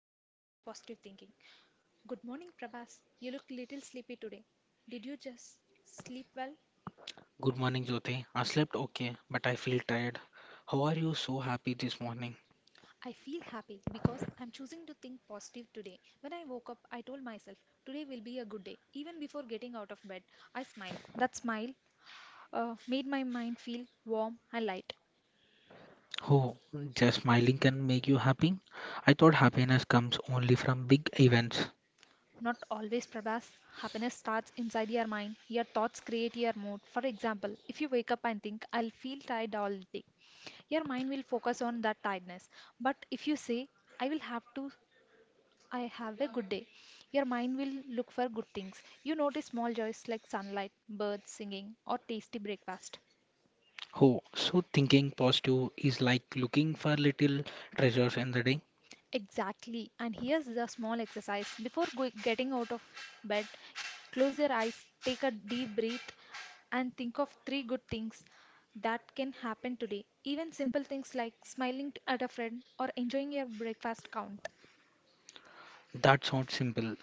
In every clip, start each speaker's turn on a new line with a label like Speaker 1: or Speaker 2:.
Speaker 1: the power of positive thinking. Good morning, Prabhas. You look little sleepy today. Did you just sleep well?
Speaker 2: Good morning, Jyoti. I slept okay, but I feel tired. How are you so happy this morning?
Speaker 1: I feel happy because I'm choosing to think positive today. When I woke up, I told myself today will be a good day. Even before getting out of bed, I smiled. That smile made my mind feel warm and light.
Speaker 2: Oh, just smiling can make you happy? I thought happiness comes only from big events.
Speaker 1: Not always, Prabhas. Happiness starts inside your mind. Your thoughts create your mood. For example, if you wake up and think, I'll feel tired all day, your mind will focus on that tiredness. But if you say, I will have to, I have a good day, your mind will look for good things. You notice small joys like sunlight, birds singing, or tasty breakfast.
Speaker 2: Oh, so thinking positive is like looking for little treasures in the day?
Speaker 1: Exactly. And here's the small exercise. Before getting out of bed, close your eyes, take a deep breath, and think of three good things that can happen today. Even simple things like smiling at a friend or enjoying your breakfast count.
Speaker 2: That sounds simple.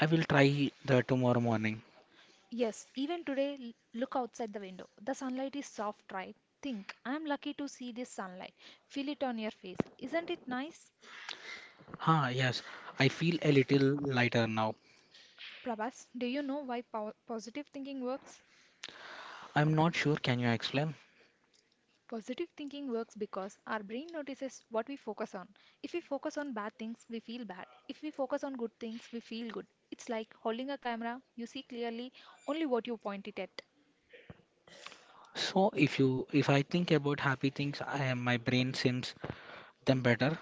Speaker 2: I will try that tomorrow morning.
Speaker 1: Yes, even today, look outside the window. The sunlight is soft, right? Think, I'm lucky to see this sunlight. Feel it on your face. Isn't it nice?
Speaker 2: Ah, yes, I feel a little lighter now.
Speaker 1: Prabhas, do you know why positive thinking works?
Speaker 2: I'm not sure, can you explain?
Speaker 1: Positive thinking works because our brain notices what we focus on. If we focus on bad things, we feel bad. If we focus on good things, we feel good. It's like holding a camera, you see clearly only what you point it at.
Speaker 2: So if I think about happy things, I am my brain seems them better.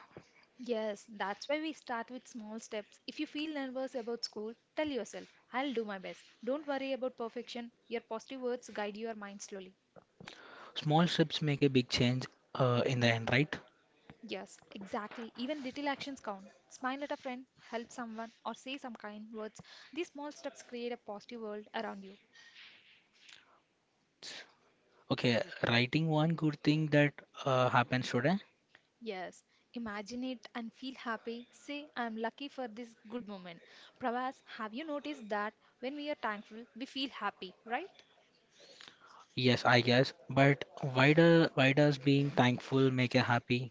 Speaker 1: Yes, that's why we start with small steps. If you feel nervous about school, tell yourself, I'll do my best. Don't worry about perfection. Your positive words guide your mind slowly.
Speaker 2: Small steps make a big change in the end, right?
Speaker 1: Yes, exactly. Even little actions count. Smile at a friend, help someone, or say some kind words. These small steps create a positive world around you.
Speaker 2: Okay, writing one good thing that happens today.
Speaker 1: Yes, imagine it and feel happy. Say, I am lucky for this good moment. Pravas, have you noticed that when we are thankful, we feel happy, right?
Speaker 2: Yes, I guess. But why does being thankful make you happy?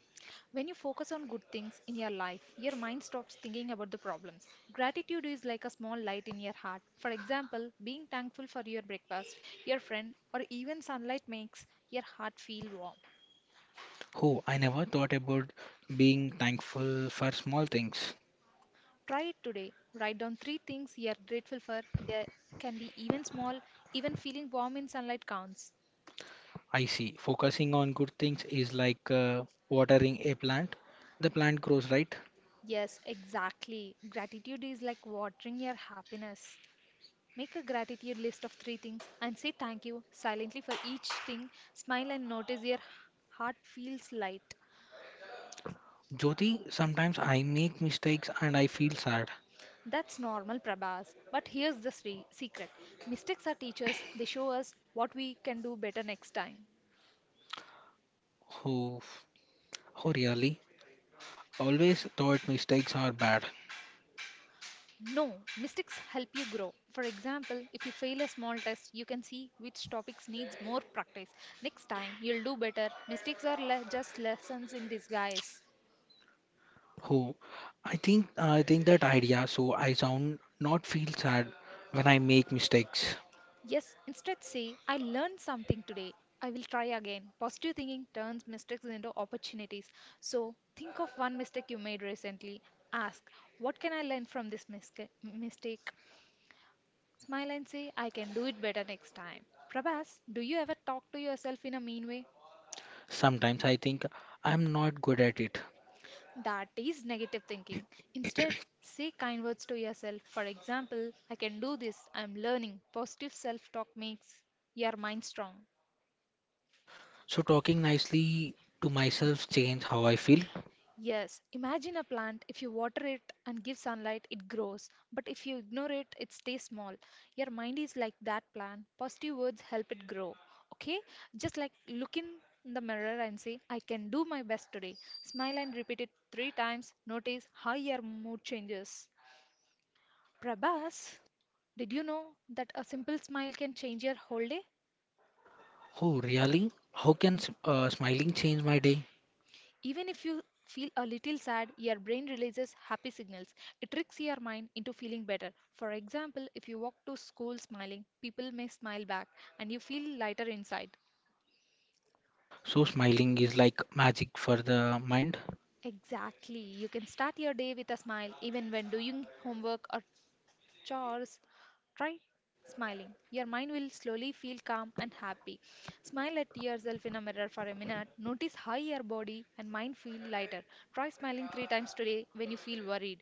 Speaker 1: When you focus on good things in your life, your mind stops thinking about the problems. Gratitude is like a small light in your heart. For example, being thankful for your breakfast, your friend, or even sunlight makes your heart feel warm.
Speaker 2: Oh, I never thought about being thankful for small things.
Speaker 1: Try it today. Write down three things you are grateful for. They can be even small, even feeling warm in sunlight counts.
Speaker 2: I see. Focusing on good things is like watering a plant. The plant grows, right?
Speaker 1: Yes, exactly. Gratitude is like watering your happiness. Make a gratitude list of three things and say thank you silently for each thing. Smile and notice your heart feels light.
Speaker 2: Jyoti, sometimes I make mistakes and I feel sad.
Speaker 1: That's normal, Prabhas. But here's the secret mistakes are teachers, they show us what we can do better next time.
Speaker 2: Oh, oh really? Always thought mistakes are bad.
Speaker 1: No, mistakes help you grow. For example, if you fail a small test, you can see which topics needs more practice. Next time, you'll do better. Mistakes are just lessons in disguise.
Speaker 2: Oh, I think that idea. So I sound not feel sad when I make mistakes.
Speaker 1: Yes, instead say, I learned something today. I will try again. Positive thinking turns mistakes into opportunities. So think of one mistake you made recently. Ask, what can I learn from this mistake? Smile and say, I can do it better next time. Prabhas, do you ever talk to yourself in a mean way?
Speaker 2: Sometimes I think I'm not good at it.
Speaker 1: That is negative thinking. Instead, say kind words to yourself. For example, I can do this. I'm learning. Positive self talk makes your mind strong.
Speaker 2: So talking nicely to myself change how I feel.
Speaker 1: Yes, imagine a plant. If you water it and give sunlight, it grows. But if you ignore it, it stays small. Your mind is like that plant. Positive words help it grow. Okay? Just like look in the mirror and say, I can do my best today. Smile and repeat it three times. Notice how your mood changes. Prabhas, did you know that a simple smile can change your whole day?
Speaker 2: Oh, really? How can smiling change my day?
Speaker 1: Even if you feel a little sad, your brain releases happy signals. It tricks your mind into feeling better. For example, if you walk to school smiling, people may smile back and you feel lighter inside.
Speaker 2: So smiling is like magic for the mind.
Speaker 1: Exactly. You can start your day with a smile even when doing homework or chores. Try smiling. Your mind will slowly feel calm and happy. Smile at yourself in a mirror for a minute. Notice how your body and mind feel lighter. Try smiling three times today when you feel worried.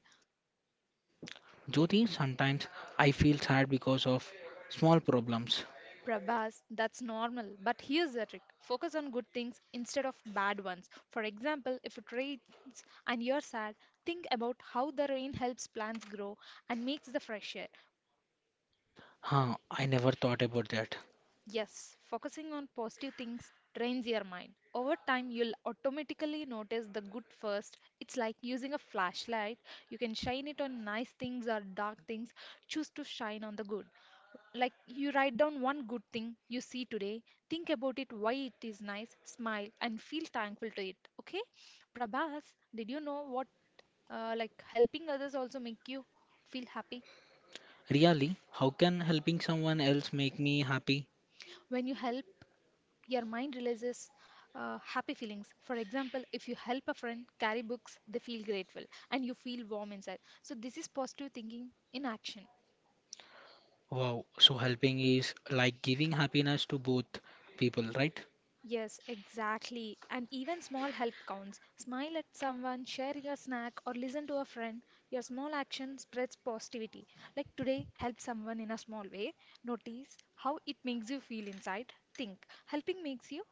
Speaker 2: Jyoti, sometimes I feel sad because of small problems.
Speaker 1: Prabhas, that's normal. But here's the trick focus on good things instead of bad ones. For example, if it rains and you're sad, think about how the rain helps plants grow and makes the fresh air.
Speaker 2: Huh, I never thought about that.
Speaker 1: Yes, focusing on positive things trains your mind. Over time, you'll automatically notice the good first. It's like using a flashlight. You can shine it on nice things or dark things. Choose to shine on the good. Like you write down one good thing you see today, think about it, why it is nice, smile, and feel thankful to it. Okay? Prabhas, did you know what like helping others also make you feel happy?
Speaker 2: Really, how can helping someone else make me happy?
Speaker 1: When you help your mind releases happy feelings. For example, if you help a friend carry books, they feel grateful and you feel warm inside. So, this is positive thinking in action.
Speaker 2: Wow, so helping is like giving happiness to both people, right?
Speaker 1: Yes, exactly. And even small help counts. Smile at someone, share your snack, or listen to a friend. Your small action spreads positivity. Like today, help someone in a small way. Notice how it makes you feel inside. Think. Helping makes you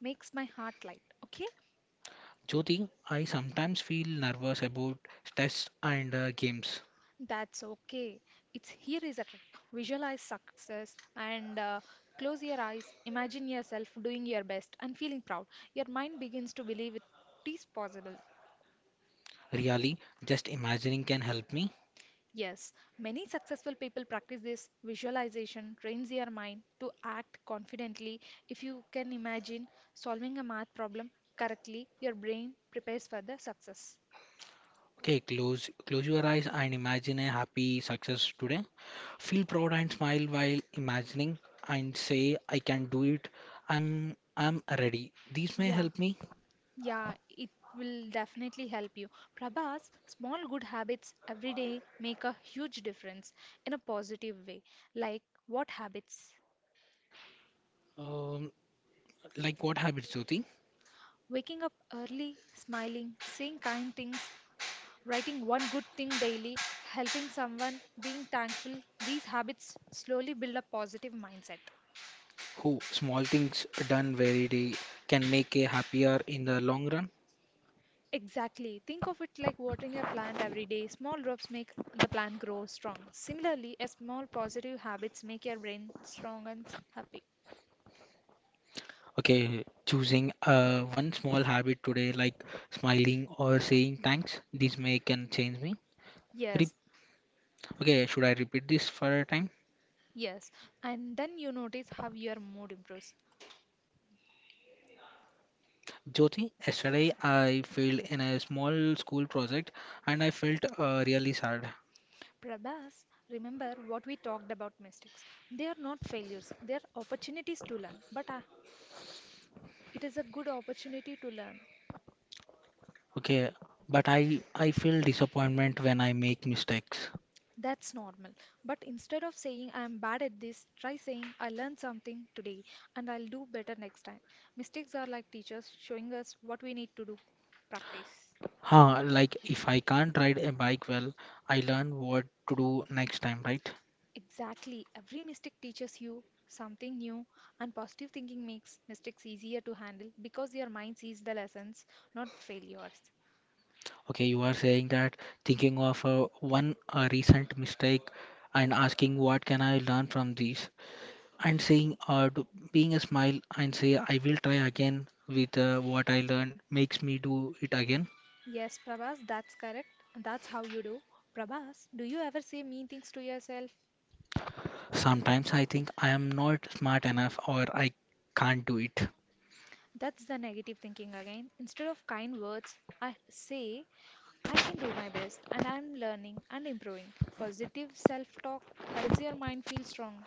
Speaker 1: makes my heart light. Okay?
Speaker 2: Jyoti, I sometimes feel nervous about tests and games.
Speaker 1: That's okay. It's here is a trick. Visualize success and close your eyes. Imagine yourself doing your best and feeling proud. Your mind begins to believe it is possible.
Speaker 2: Really, just imagining can help me.
Speaker 1: Yes, many successful people practice this visualization, trains your mind to act confidently. If you can imagine solving a math problem correctly, your brain prepares for the success.
Speaker 2: Okay, close your eyes and imagine a happy success today. Feel proud and smile while imagining and say I can do it. I'm ready. These may
Speaker 1: Yeah,
Speaker 2: help me.
Speaker 1: yeah, it will definitely help you. Prabhas, small good habits every day make a huge difference in a positive way. Like what habits?
Speaker 2: Um, like what habits, Jyoti?
Speaker 1: Waking up early, smiling, saying kind things, writing one good thing daily, helping someone, being thankful. These habits slowly build a positive mindset.
Speaker 2: Who small things done very day can make a happier in the long run.
Speaker 1: Exactly. Think of it like watering a plant every day. Small drops make the plant grow strong. Similarly, a small positive habits make your brain strong and happy.
Speaker 2: Okay, choosing one small habit today like smiling or saying thanks, this may can change me. Re-
Speaker 1: Yes,
Speaker 2: okay, should I repeat this for a time?
Speaker 1: yes. And then you notice how your mood improves.
Speaker 2: Jyoti, yesterday I failed in a small school project and I felt really sad.
Speaker 1: Prabhas, remember what we talked about mistakes. They are not failures, they are opportunities to learn. But it is a good opportunity to learn.
Speaker 2: Okay, but I feel disappointment when I make mistakes.
Speaker 1: That's normal. But instead of saying I am bad at this, try saying I learned something today and I'll do better next time. Mistakes are like teachers showing us what we need to do. Practice.
Speaker 2: Huh, like if I can't ride a bike well, I learn what to do next time, right?
Speaker 1: Exactly. Every mistake teaches you something new, and positive thinking makes mistakes easier to handle because your mind sees the lessons, not failures.
Speaker 2: Okay, you are saying that thinking of one recent mistake and asking what can I learn from this, and saying being a smile and say I will try again with what I learned makes me do it again.
Speaker 1: Yes, Prabhas, that's correct, and That's how you do. Prabhas, do you ever say mean things to yourself?
Speaker 2: Sometimes I think I am not smart enough or I can't do it.
Speaker 1: That's the negative thinking again. Instead of kind words, I say, I can do my best and I'm learning and improving. Positive self talk helps your mind feel strong.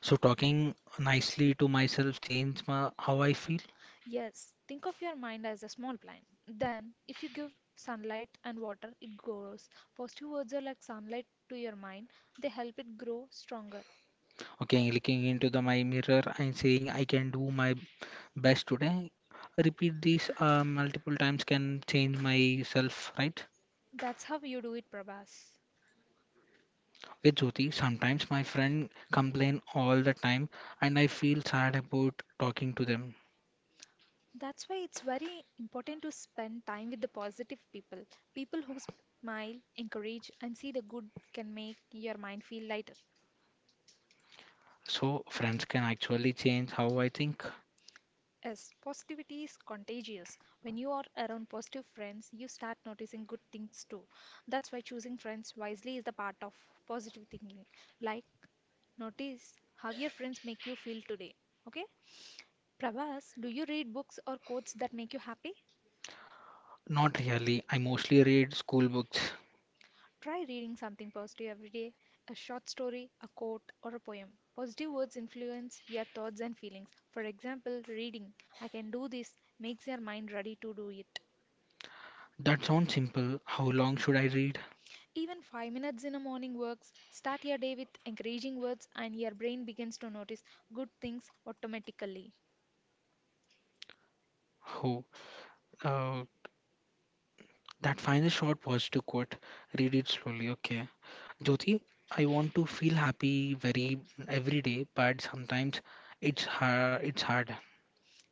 Speaker 2: So talking nicely to myself changed how I feel.
Speaker 1: Yes, think of your mind as a small plant. Then, if you give sunlight and water, it grows. Positive words are like sunlight to your mind, they help it grow stronger.
Speaker 2: Okay, looking into the my mirror and saying I can do my best today. Repeat these multiple times can change myself, right?
Speaker 1: That's how you do it, Prabhas.
Speaker 2: Okay, Jyoti, sometimes my friend complain all the time and I feel sad about talking to them.
Speaker 1: That's why it's very important to spend time with the positive people. People who smile, encourage, and see the good can make your mind feel lighter.
Speaker 2: So friends can actually change how I think.
Speaker 1: Yes, positivity is contagious. When you are around positive friends, you start noticing good things too. That's why choosing friends wisely is the part of positive thinking. Like, notice how your friends make you feel today. Okay? Prabhas, do you read books or quotes that make you happy?
Speaker 2: Not really. I mostly read school books.
Speaker 1: Try reading something positive every day a short story, a quote, or a poem. Positive words influence your thoughts and feelings. For example, reading, I can do this, makes your mind ready to do it.
Speaker 2: That sounds simple. How long should I read?
Speaker 1: Even 5 minutes in a morning works. Start your day with encouraging words, and your brain begins to notice good things automatically.
Speaker 2: Oh, uh, that final short was to quote. Read it slowly, okay. Jyoti, I want to feel happy very every day, but sometimes it's hard. It's hard.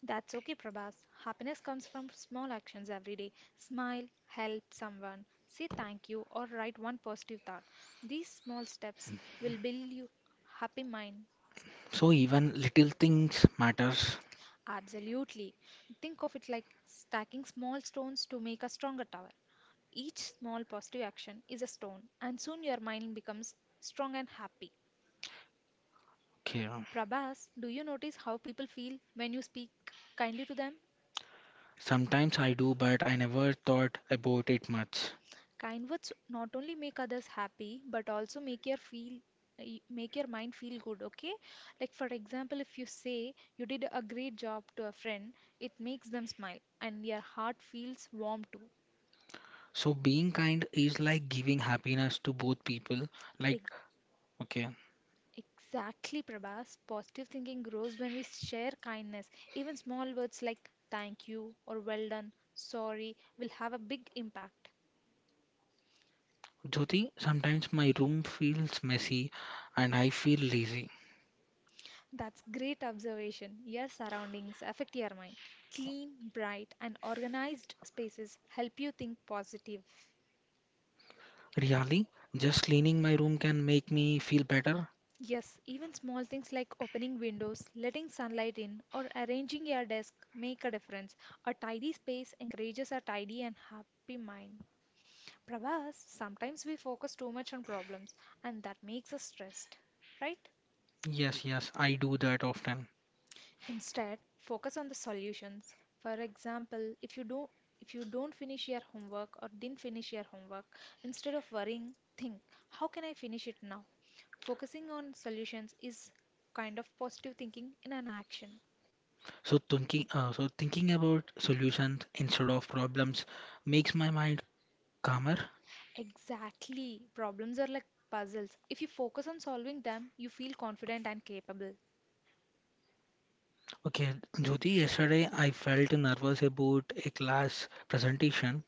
Speaker 1: That's okay, Prabhas. Happiness comes from small actions every day. Smile, help someone, say thank you, or write one positive thought. These small steps will build you happy mind.
Speaker 2: So even little things matters.
Speaker 1: Absolutely. Think of it like stacking small stones to make a stronger tower. Each small positive action is a stone, and soon your mind becomes strong and happy.
Speaker 2: Okay.
Speaker 1: Prabhas, do you notice how people feel when you speak kindly to them?
Speaker 2: Sometimes I do, but I never thought about it much.
Speaker 1: Kind words not only make others happy but also make your mind feel good, okay? Like for example, if you say you did a great job to a friend, it makes them smile and your heart feels warm too.
Speaker 2: So being kind is like giving happiness to both people. Like,
Speaker 1: Ex-
Speaker 2: okay,
Speaker 1: Exactly, Prabhas. Positive thinking grows when we share kindness. Even small words like thank you or well done, sorry will have a big impact.
Speaker 2: Jyoti, sometimes my room feels messy and I feel lazy.
Speaker 1: That's great observation. Your surroundings affect your mind. Clean, bright, and organized spaces help you think positive.
Speaker 2: Really, just cleaning my room can make me feel better.
Speaker 1: Yes, even small things like opening windows, letting sunlight in, or arranging your desk make a difference. A tidy space encourages a tidy and happy mind. Prabhas, sometimes we focus too much on problems, and that makes us stressed, right?
Speaker 2: Yes, yes, I do that often.
Speaker 1: Instead, focus on the solutions. For example, if you don't finish your homework or didn't finish your homework, instead of worrying, think, how can I finish it now? Focusing on solutions is kind of positive thinking in an action.
Speaker 2: So thinking about solutions instead of problems makes my mind calmer.
Speaker 1: Exactly. Problems are like puzzles. If you focus on solving them, you feel confident and capable.
Speaker 2: Okay, Jyoti, yesterday I felt nervous about a class presentation.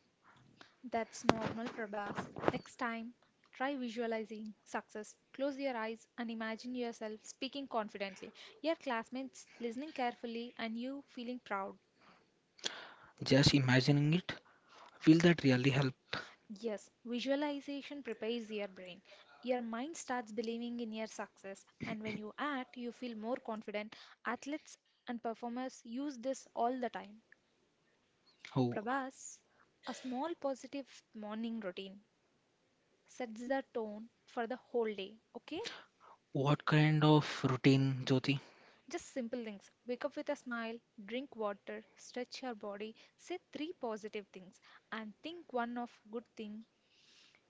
Speaker 1: That's normal, Prabhas. Next time, try visualizing success. Close your eyes and imagine yourself speaking confidently, your classmates listening carefully, and you feeling proud.
Speaker 2: Just imagining it, will that really help?
Speaker 1: Yes, visualization prepares your brain. Your mind starts believing in your success, and when you act, you feel more confident. Athletes and performers use this all the time.
Speaker 2: Oh,
Speaker 1: Prabhas, a small positive morning routine sets the tone for the whole day, okay?
Speaker 2: what kind of routine, Jyoti?
Speaker 1: Just simple things. Wake up with a smile, drink water, stretch your body, say three positive things, and think one of good thing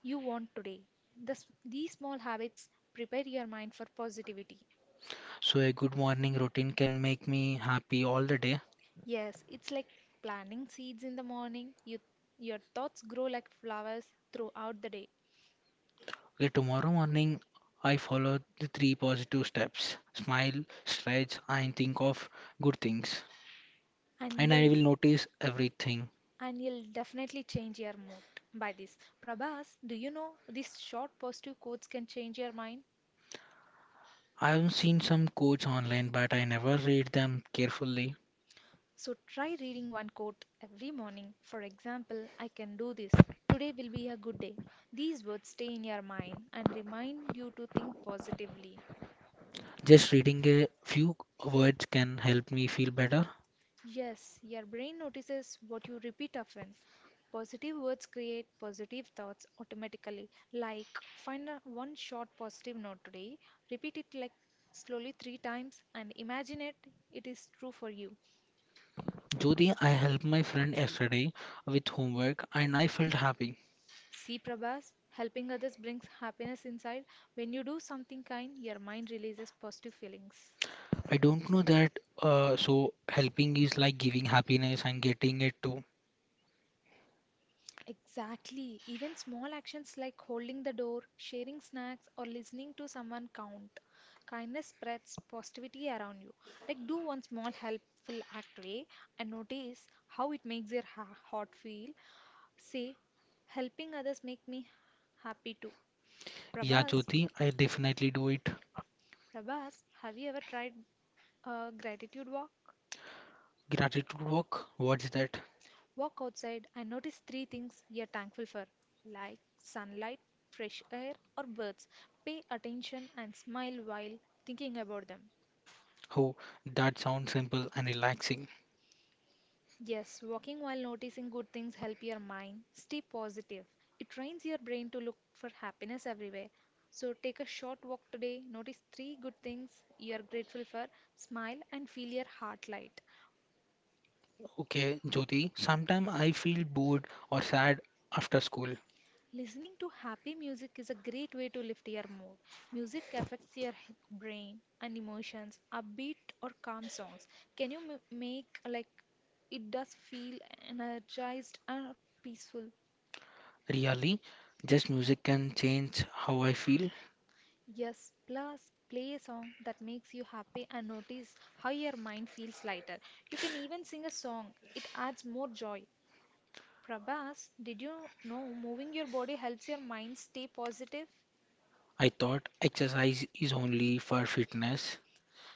Speaker 1: you want today. These small habits prepare your mind for positivity.
Speaker 2: So a good morning routine can make me happy all the day.
Speaker 1: Yes, it's like planting seeds in the morning. You, your thoughts grow like flowers throughout the day,
Speaker 2: Okay, tomorrow morning I follow the three positive steps: smile, stretch, and think of good things,
Speaker 1: and
Speaker 2: and
Speaker 1: you'll
Speaker 2: I will notice everything.
Speaker 1: and you'll definitely change your mood by this. Prabhas, do you know these short positive quotes can change your mind?
Speaker 2: I've seen some quotes online, but I never read them carefully.
Speaker 1: So try reading one quote every morning. For example, I can do this. Today will be a good day. These words stay in your mind and remind you to think positively.
Speaker 2: Just reading a few words can help me feel better.
Speaker 1: Yes, your brain notices what you repeat often. Positive words create positive thoughts automatically. Like, find a one short positive note today, repeat it like slowly three times, and imagine it, it is true for you.
Speaker 2: Jyoti, I helped my friend yesterday with homework and I felt happy.
Speaker 1: See, Prabhas, helping others brings happiness inside. When you do something kind, your mind releases positive feelings.
Speaker 2: I don't know that, so helping is like giving happiness and getting it too.
Speaker 1: Exactly. Even small actions like holding the door, sharing snacks, or listening to someone count. Kindness spreads positivity around you. Like, do one small helpful act today and notice how it makes your heart feel. Say, helping others make me happy too.
Speaker 2: Yeah,
Speaker 1: Prabhas,
Speaker 2: Jyoti, I definitely do it.
Speaker 1: Prabhas, have you ever tried a gratitude walk?
Speaker 2: Gratitude work? What's that?
Speaker 1: Walk outside and notice three things you're thankful for, like sunlight, fresh air, or birds. Pay attention and smile while thinking about them.
Speaker 2: Oh, that sounds simple and relaxing.
Speaker 1: Yes, walking while noticing good things help your mind stay positive. It trains your brain to look for happiness everywhere. So take a short walk today, notice three good things you are grateful for, smile and feel your heart light.
Speaker 2: Okay, Jyoti, sometimes I feel bored or sad after school.
Speaker 1: Listening to happy music is a great way to lift your mood. Music affects your brain and emotions. Upbeat or calm songs can you make like it does feel energized and peaceful.
Speaker 2: Really, just music can change how I feel.
Speaker 1: Yes, plus play a song that makes you happy and notice how your mind feels lighter. You can even sing a song, it adds more joy. Prabhas, did you know moving your body helps your mind stay positive?
Speaker 2: I thought exercise is only for fitness,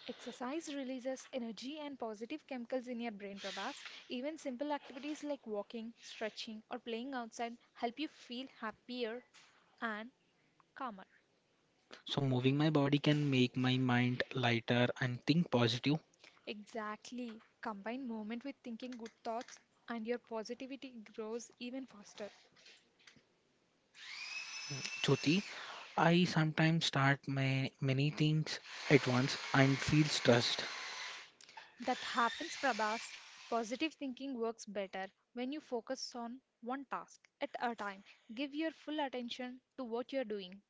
Speaker 1: Exercise releases energy and positive chemicals in your brain, Prabhas. Even simple activities like walking, stretching, or playing outside help you feel happier and calmer.
Speaker 2: so moving my body can make my mind lighter and think positive.
Speaker 1: Exactly. Combine movement with thinking good thoughts, and your positivity grows even faster.
Speaker 2: Jyoti, I sometimes start my many things at once and feel stressed.
Speaker 1: That happens, Prabhas. Positive thinking works better when you focus on one task at a time. Give your full attention to what you're doing.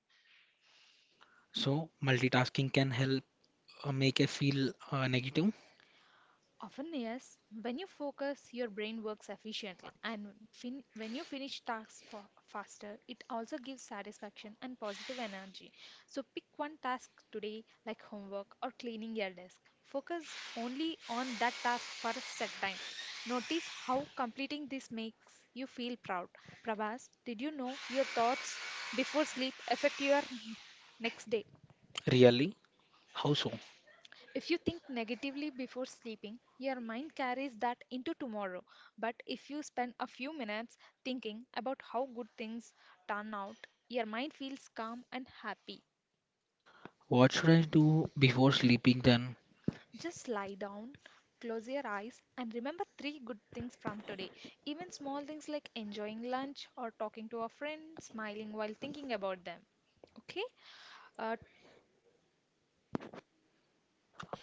Speaker 2: So multitasking can help make I feel negative.
Speaker 1: Often, yes. When you focus, your brain works efficiently, and when you finish tasks faster, it also gives satisfaction and positive energy. So, pick one task today, like homework or cleaning your desk. Focus only on that task for a set time. Notice how completing this makes you feel proud. Prabhas, did you know your thoughts before sleep affect your next day?
Speaker 2: Really? How so?
Speaker 1: If you think negatively before sleeping, your mind carries that into tomorrow. But if you spend a few minutes thinking about how good things turn out, your mind feels calm and happy.
Speaker 2: What should I do before sleeping then?
Speaker 1: Just lie down, close your eyes, and remember three good things from today. Even small things like enjoying lunch or talking to a friend, smiling while thinking about them. Okay? Uh,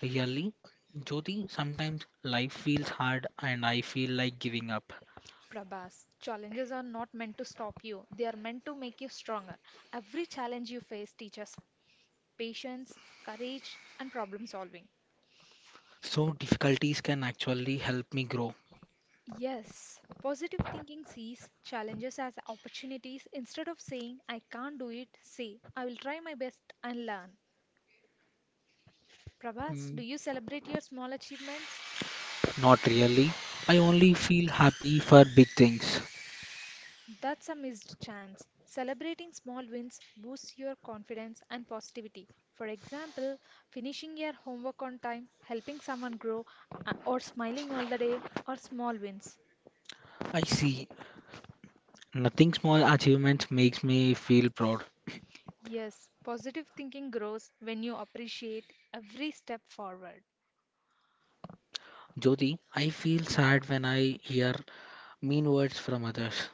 Speaker 2: Really, Jyoti, sometimes life feels hard and I feel like giving up.
Speaker 1: Prabhas, challenges are not meant to stop you, they are meant to make you stronger. Every challenge you face teaches patience, courage, and problem solving.
Speaker 2: So difficulties can actually help me grow.
Speaker 1: Yes, positive thinking sees challenges as opportunities instead of saying, I can't do it, say, I will try my best and learn. Prabhas,
Speaker 2: Mm,
Speaker 1: do you celebrate your small achievements?
Speaker 2: not really. I only feel happy for big things.
Speaker 1: That's a missed chance. Celebrating small wins boosts your confidence and positivity. For example, finishing your homework on time, helping someone grow, or smiling all the day are small wins.
Speaker 2: I see. Nothing small achievements makes me feel proud.
Speaker 1: Yes, positive thinking grows when you appreciate every step forward.
Speaker 2: Jyoti, I feel sad when I hear mean words from others.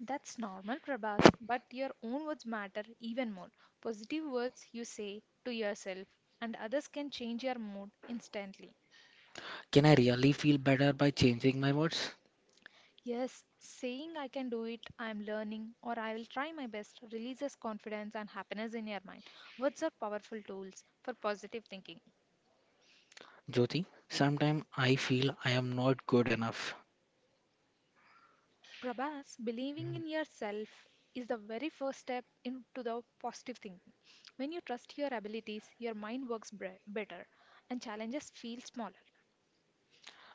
Speaker 1: That's normal, Prabhas, but your own words matter even more. Positive words you say to yourself and others can change your mood instantly.
Speaker 2: Can I really feel better by changing my words?
Speaker 1: Yes, saying I can do it, I am learning, or I will try my best releases confidence and happiness in your mind. Words are powerful tools for positive thinking.
Speaker 2: Jyoti, sometimes I feel I am not good enough.
Speaker 1: Prabhas, believing
Speaker 2: Mm,
Speaker 1: in yourself is the very first step into the positive thinking. When you trust your abilities, your mind works better and challenges feel smaller.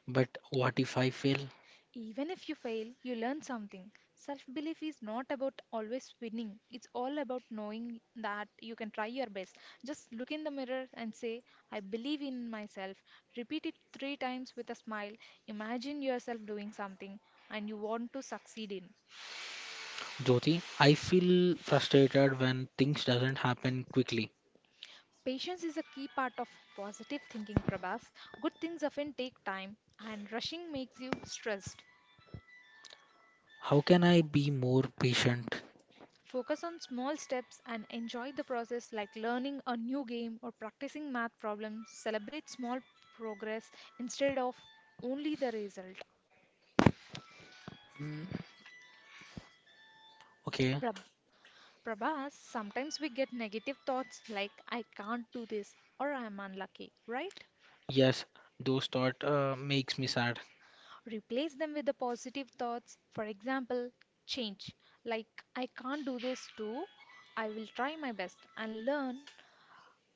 Speaker 2: but what if I fail?
Speaker 1: Even if you fail, you learn something. Self belief is not about always winning, it's all about knowing that you can try your best. Just look in the mirror and say, I believe in myself. Repeat it three times with a smile. Imagine yourself doing something and you want to succeed in.
Speaker 2: Jyoti, I feel frustrated when things doesn't happen quickly.
Speaker 1: Patience is a key part of positive thinking, Prabhas. Good things often take time, and rushing makes you stressed.
Speaker 2: How can I be more patient?
Speaker 1: Focus on small steps and enjoy the process, like learning a new game or practicing math problems. Celebrate small progress instead of only the result.
Speaker 2: Mm, okay,
Speaker 1: Prab- Prabhas, sometimes we get negative thoughts like I can't do this or I am unlucky, right?
Speaker 2: yes, those thought makes me sad.
Speaker 1: Replace them with the positive thoughts. For example, change. Like, I can't do this too. I will try my best and learn.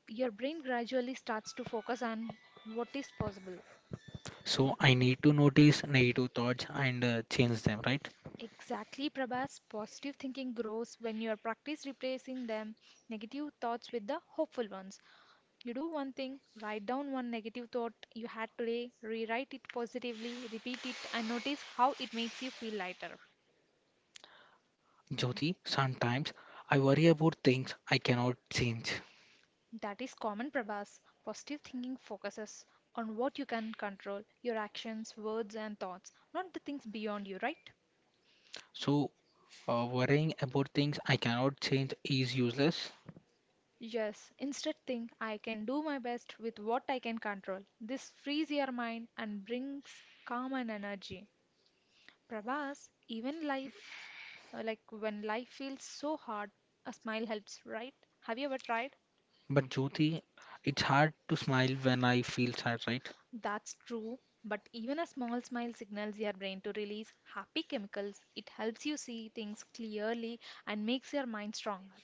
Speaker 1: Your brain gradually starts to focus on what is possible.
Speaker 2: So I need to notice negative thoughts and change them, right?
Speaker 1: Exactly, Prabhas. Positive thinking grows when you are practice replacing them negative thoughts with the hopeful ones. You do one thing, write down one negative thought you had today, rewrite it positively, repeat it, and notice how it makes you feel lighter.
Speaker 2: Jyoti, sometimes I worry about things I cannot change.
Speaker 1: That is common, Prabhas. Positive thinking focuses on what you can control your actions, words, and thoughts, not the things beyond you, right?
Speaker 2: So worrying about things I cannot change is useless.
Speaker 1: Yes, instead think I can do my best with what I can control. This frees your mind and brings calm and energy. Prabhas, like when life feels so hard, a smile helps, right? Have you ever tried?
Speaker 2: But Jyoti, it's hard to smile when I feel sad, right?
Speaker 1: That's true, but even a small smile signals your brain to release happy chemicals. It helps you see things clearly and makes your mind stronger.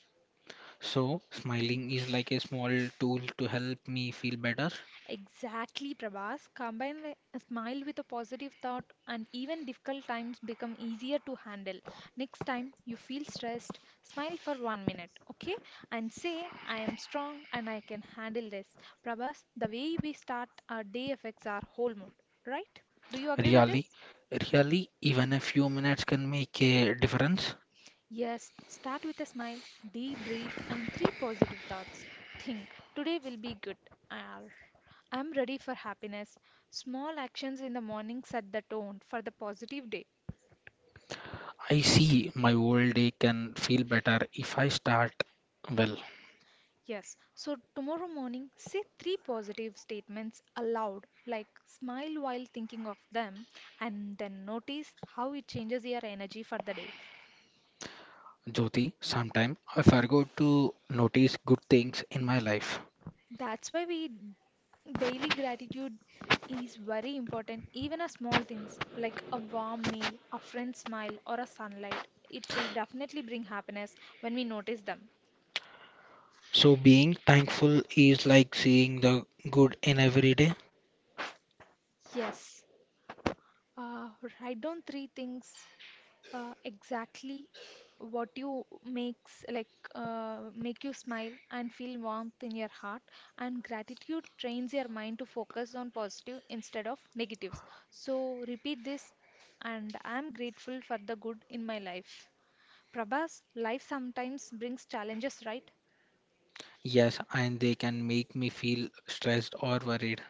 Speaker 2: So, smiling is like a small tool to help me feel better.
Speaker 1: Exactly, Prabhas. Combine a smile with a positive thought, and even difficult times become easier to handle. Next time you feel stressed, smile for 1 minute, okay? And say, I am strong and I can handle this. Prabhas, the way we start our day affects our whole mood, right? Do you agree with
Speaker 2: Really,
Speaker 1: this?
Speaker 2: really, even a few minutes can make a difference.
Speaker 1: Yes, start with a smile, deep breath, and three positive thoughts. Think, today will be good. Arr, I'm ready for happiness. Small actions in the morning set the tone for the positive day.
Speaker 2: I see my whole day can feel better if I start well.
Speaker 1: Yes, so tomorrow morning, say three positive statements aloud, like smile while thinking of them, and then notice how it changes your energy for the day.
Speaker 2: Jyoti, sometime I forgot to notice good things in my life.
Speaker 1: That's why we daily gratitude is very important. Even a small things like a warm meal, a friend's smile, or a sunlight, it will definitely bring happiness when we notice them.
Speaker 2: So, being thankful is like seeing the good in every day.
Speaker 1: Yes. Uh, write down three things exactly what you makes like make you smile and feel warmth in your heart and gratitude trains your mind to focus on positive instead of negatives, so repeat this. And I am grateful for the good in my life. Prabhas, life sometimes brings challenges, right?
Speaker 2: Yes, and they can make me feel stressed or worried.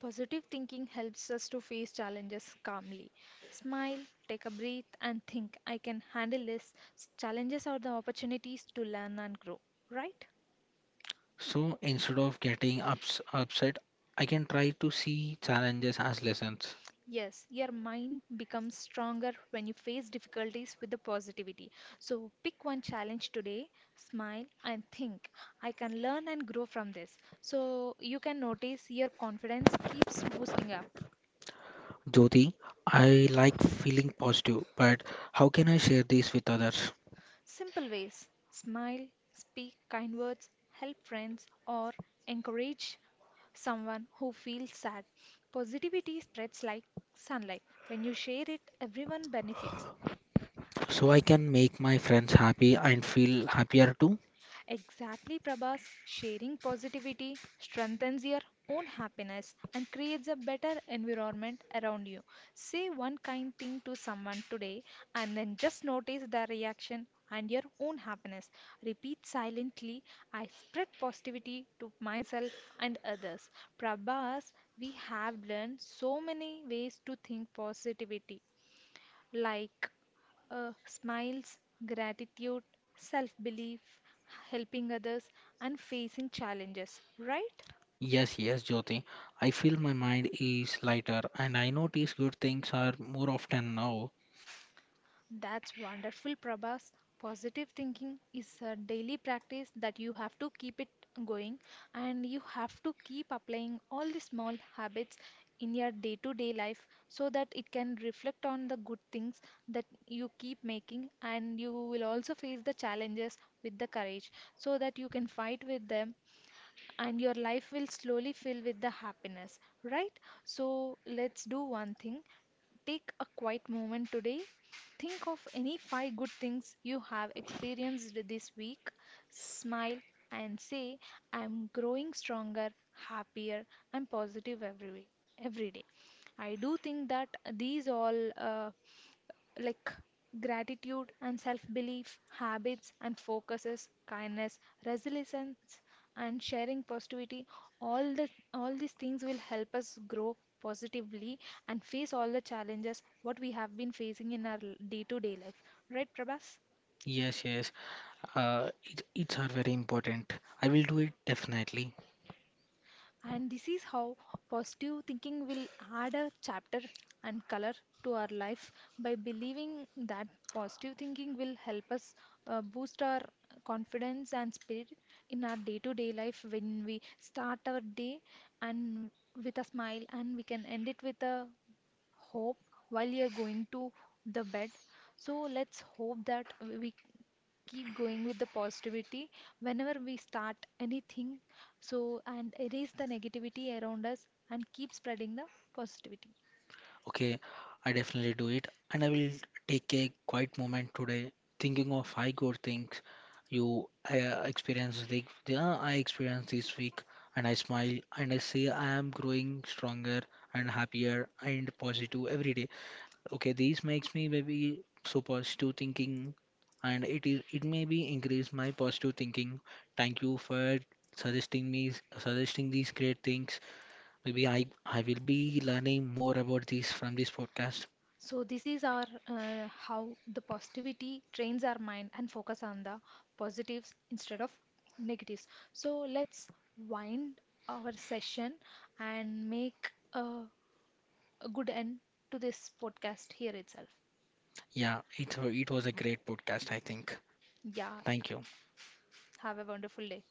Speaker 1: Positive thinking helps us to face challenges calmly. Smile, take a breath, and think, I can handle this. Challenges are the opportunities to learn and grow, right?
Speaker 2: So instead of upset, I can try to see challenges as lessons.
Speaker 1: Yes, your mind becomes stronger when you face difficulties with the positivity. So pick one challenge today, smile, and think, I can learn and grow from this. So you can notice your confidence keeps boosting up.
Speaker 2: Jyoti, I like feeling positive, but how can I share this with others?
Speaker 1: Simple ways smile, speak kind words, help friends, or encourage someone who feels sad. Positivity spreads like sunlight. When you share it, everyone benefits.
Speaker 2: So I can make my friends happy and feel happier too?
Speaker 1: Exactly, Prabhas. Sharing positivity strengthens your own happiness and creates a better environment around you. Say one kind thing to someone today and then just notice their reaction and your own happiness. Repeat silently I spread positivity to myself and others. Prabhas, we have learned so many ways to think positivity like smiles, gratitude, self belief, helping others, and facing challenges, right?
Speaker 2: Yes, yes, Jyoti. I feel my mind is lighter and I notice good things are more often now.
Speaker 1: That's wonderful, Prabhas. Positive thinking is a daily practice that you have to keep it going, and you have to keep applying all the small habits in your day to day life so that it can reflect on the good things that you keep making, and you will also face the challenges with the courage so that you can fight with them, and your life will slowly fill with the happiness, right? So let's do one thing. Take a quiet moment today. Think of any five good things you have experienced this week. Smile and say, I'm growing stronger, happier, and positive every way, every day. I do think that these all like gratitude and self belief, habits and focuses, kindness, resilience, and sharing positivity. All these things will help us grow positively and face all the challenges what we have been facing in our day to day life. Right, Prabhas?
Speaker 2: Yes, yes. It's are very important. I will do it definitely.
Speaker 1: And this is how positive thinking will add a chapter and color to our life, by believing that positive thinking will help us boost our confidence and spirit in our day to day life when we start our day and with a smile, and we can end it with a hope while you're going to the bed. So let's hope that we keep going with the positivity whenever we start anything. So, and erase the negativity around us and keep spreading the positivity.
Speaker 2: Okay, I definitely do it. And I will take a quiet moment today thinking of five good things you experienced the I experienced this week, and I smile and I say I am growing stronger and happier and positive every day. Okay, this makes me maybe so positive thinking, and it is it may be increase my positive thinking. Thank you for suggesting me suggesting these great things. Maybe I will be learning more about this from this podcast.
Speaker 1: So, this is our how the positivity trains our mind and focus on the positives instead of negatives. So, let's wind our session and make a good end to this podcast here itself.
Speaker 2: Yeah, it was a great podcast, I think.
Speaker 1: Yeah,
Speaker 2: Thank you.
Speaker 1: have a wonderful day.